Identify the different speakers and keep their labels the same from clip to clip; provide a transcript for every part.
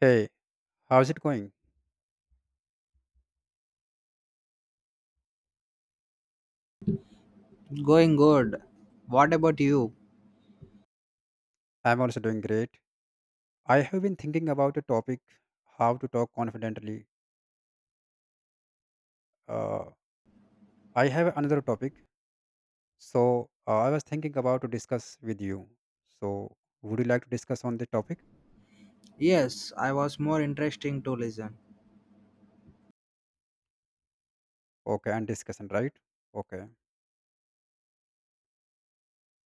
Speaker 1: Hey, how's it going?
Speaker 2: Going good. What about you?
Speaker 1: I'm also doing great. I have been thinking about a topic how to talk confidently. Uh, I have another topic, so I was thinking about to discuss with you. So, would you like to discuss on the topic?
Speaker 2: Yes, I was more interesting to listen.
Speaker 1: Okay, and discussion, right? Okay.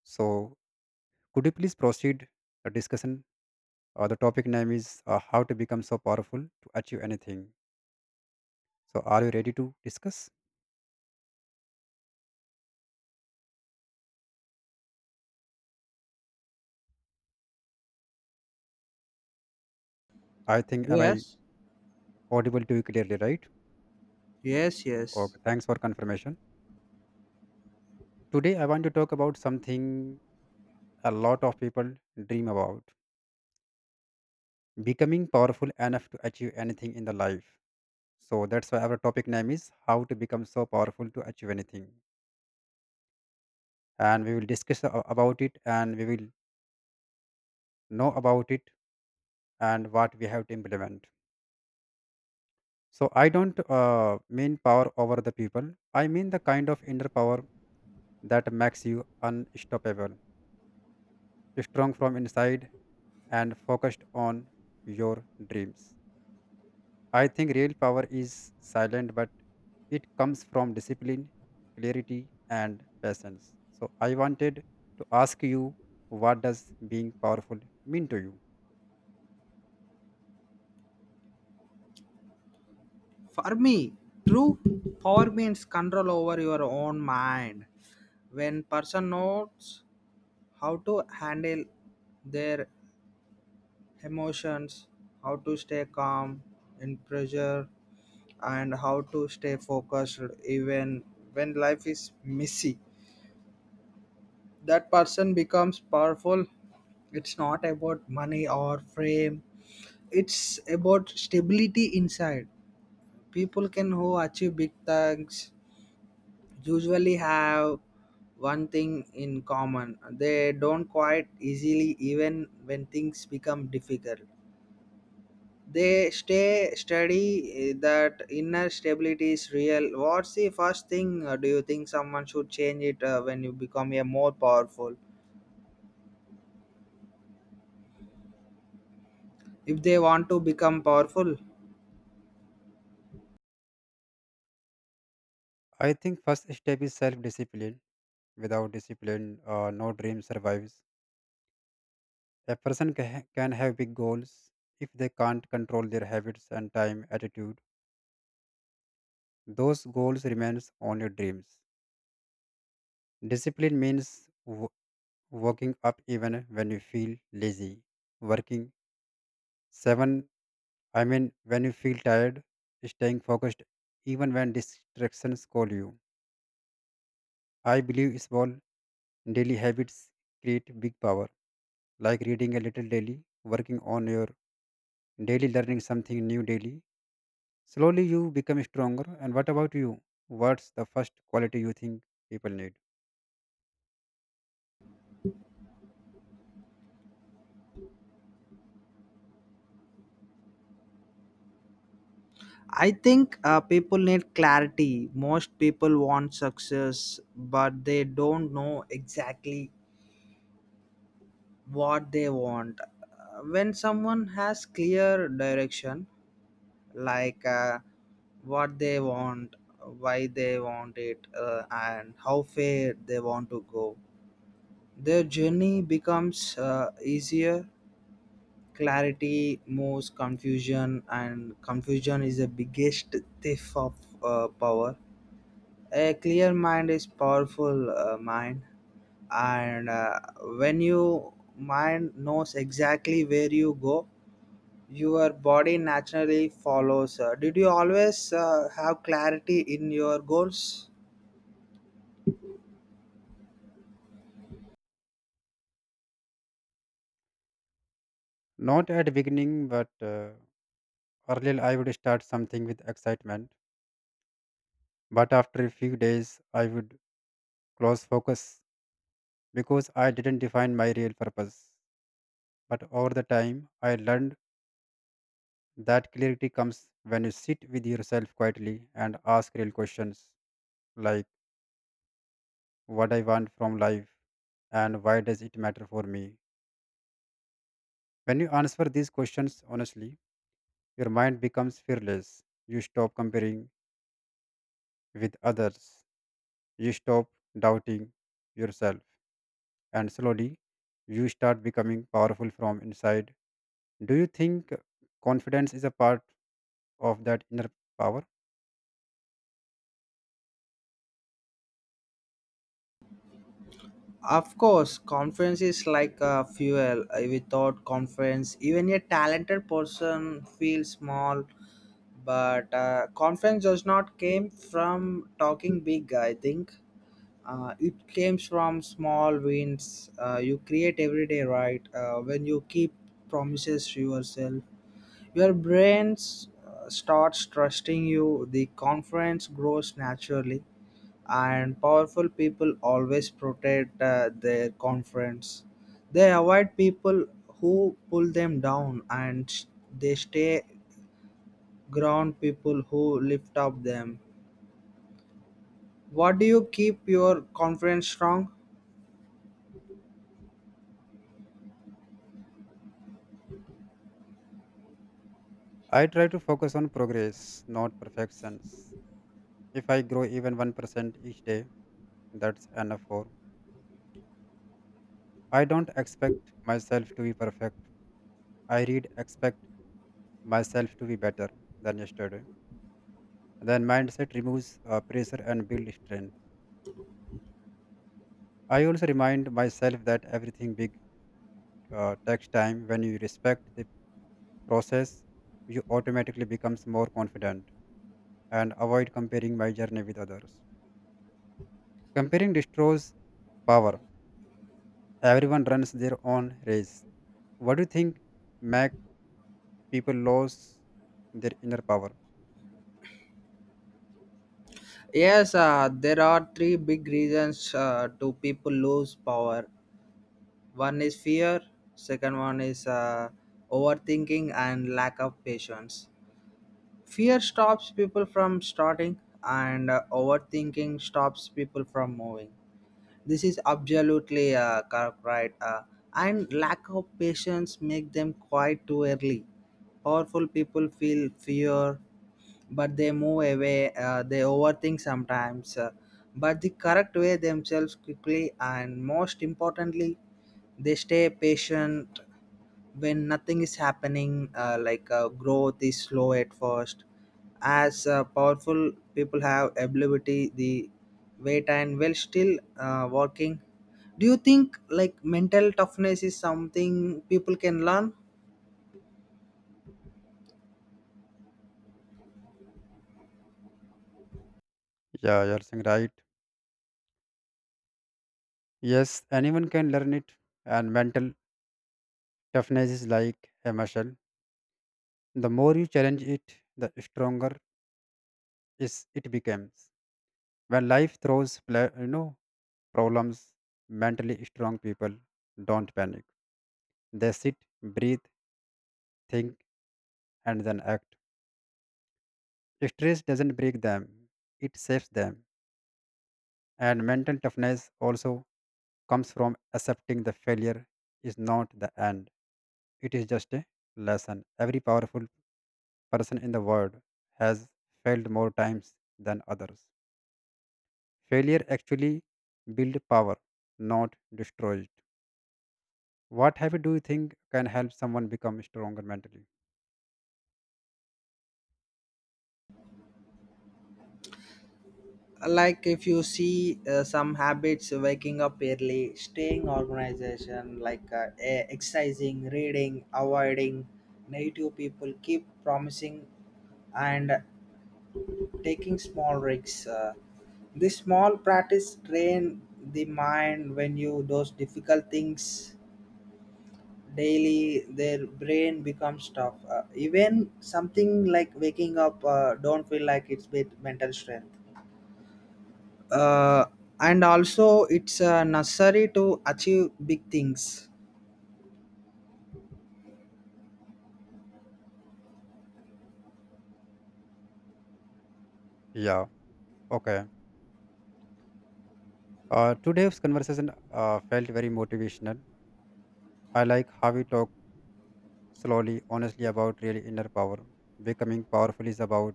Speaker 1: So, could you please proceed the discussion? The topic name is how to become so powerful to achieve anything. So, are you ready to discuss? I think am I
Speaker 2: Yes,
Speaker 1: audible to you clearly, right?
Speaker 2: yes, yes.
Speaker 1: Okay. Thanks for confirmation. Today, I want to talk about something a lot of people dream about becoming powerful enough to achieve anything in the life. So, that's why our topic name is How to Become So Powerful to Achieve Anything. And we will discuss about it and we will know about it and what we have to implement. So, I don't mean power over the people, I mean the kind of inner power that makes you unstoppable, strong from inside, and focused on your dreams. I think real power is silent, but it comes from discipline, clarity, and patience. So I wanted to ask you, what does being powerful mean to you?
Speaker 2: For me, true power means control over your own mind. When person knows how to handle their emotions, how to stay calm in pressure, and how to stay focused even when life is messy, that person becomes powerful. It's not about money or fame, it's about stability inside. People can who achieve big things usually have one thing in common: they don't quite easily even when things become difficult, they stay steady. That inner stability is real. What's the first thing, do you think someone should change it when you become a more powerful, if they want to become powerful?
Speaker 1: I think first step is self-discipline. Without discipline, no dream survives. A person can have big goals if they can't control their habits and time attitude. Those goals remains only dreams. Discipline means waking up even when you feel lazy, working Seven, I mean, when you feel tired, staying focused even when distractions call you. I believe small daily habits create big power, like reading a little daily, working on your daily, learning something new daily. Slowly you become stronger. And what about you? What's the first quality you think people need?
Speaker 2: I think people need clarity. Most people want success, but they don't know exactly what they want. When someone has clear direction, like, what they want, why they want it, and how far they want to go, their journey becomes easier. Clarity moves confusion, and confusion is the biggest thief of power. A clear mind is powerful mind, and when you mind knows exactly where you go, your body naturally follows. Did you always have clarity in your goals?
Speaker 1: Not at beginning, but earlier I would start something with excitement. But after a few days, I would close focus because I didn't define my real purpose. But over the time, I learned that clarity comes when you sit with yourself quietly and ask real questions like what I want from life and why does it matter for me. When you answer these questions honestly, your mind becomes fearless. You stop comparing with others. You stop doubting yourself. And slowly, you start becoming powerful from inside. Do you think confidence is a part of that inner power?
Speaker 2: Of course confidence is like a fuel. Without confidence even a talented person feels small, but confidence does not came from talking big, I think. It comes from small wins you create every day, right? When you keep promises to yourself, your brain starts trusting you, the confidence grows naturally, and powerful people always protect their confidence. They avoid people who pull them down, and they stay ground people who lift up them. What do you keep your confidence strong?
Speaker 1: I try to focus on progress, not perfections. If I grow even 1% each day, that's enough for. I don't expect myself to be perfect. I read expect myself to be better than yesterday. Then mindset removes pressure and build strength. I also remind myself that everything big takes time. When you respect the process, you automatically becomes more confident and avoid comparing my journey with others. Comparing destroys power. Everyone runs their own race. What do you think make people lose their inner power?
Speaker 2: Yes, there are three big reasons to people lose power. One is fear, second one is overthinking and lack of patience. Fear stops people from starting, and overthinking stops people from moving. This is absolutely correct, right? And lack of patience make them quiet too early. Powerful people feel fear, but they move away, they overthink sometimes, but the correct way themselves quickly, and most importantly they stay patient when nothing is happening, like, growth is slow at first, as powerful people have ability the wait and well still working. Do you think like mental toughness is something people can learn?
Speaker 1: Yeah, you're saying right. Yes, anyone can learn it, and mental toughness is like a muscle. The more you challenge it, the stronger is it becomes. When life throws, problems, mentally strong people don't panic. They sit, breathe, think, and then act. Stress doesn't break them; it saves them. And mental toughness also comes from accepting the failure is not the end. It is just a lesson. Every powerful person in the world has failed more times than others. Failure actually builds power, not destroys it. What habit do you think can help someone become stronger mentally?
Speaker 2: Like, if you see, some habits: waking up early, staying organization, like, exercising, reading, avoiding negative people, keep promising, and taking small risks. This small practice train the mind. When you those difficult things daily, their brain becomes tough. Even something like waking up don't feel like it's bit mental strength, uh, and also it's necessary to achieve big things.
Speaker 1: Yeah, okay. Today's conversation felt very motivational. I like how we talk slowly, honestly about real inner power. Becoming powerful is about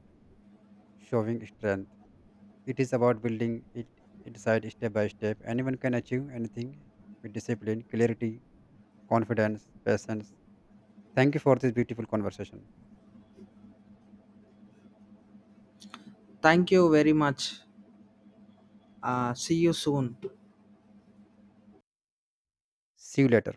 Speaker 1: showing strength. It is about building it inside step by step. Anyone can achieve anything with discipline, clarity, confidence, patience. Thank you for this beautiful conversation.
Speaker 2: Thank you very much. See you soon.
Speaker 1: See you later.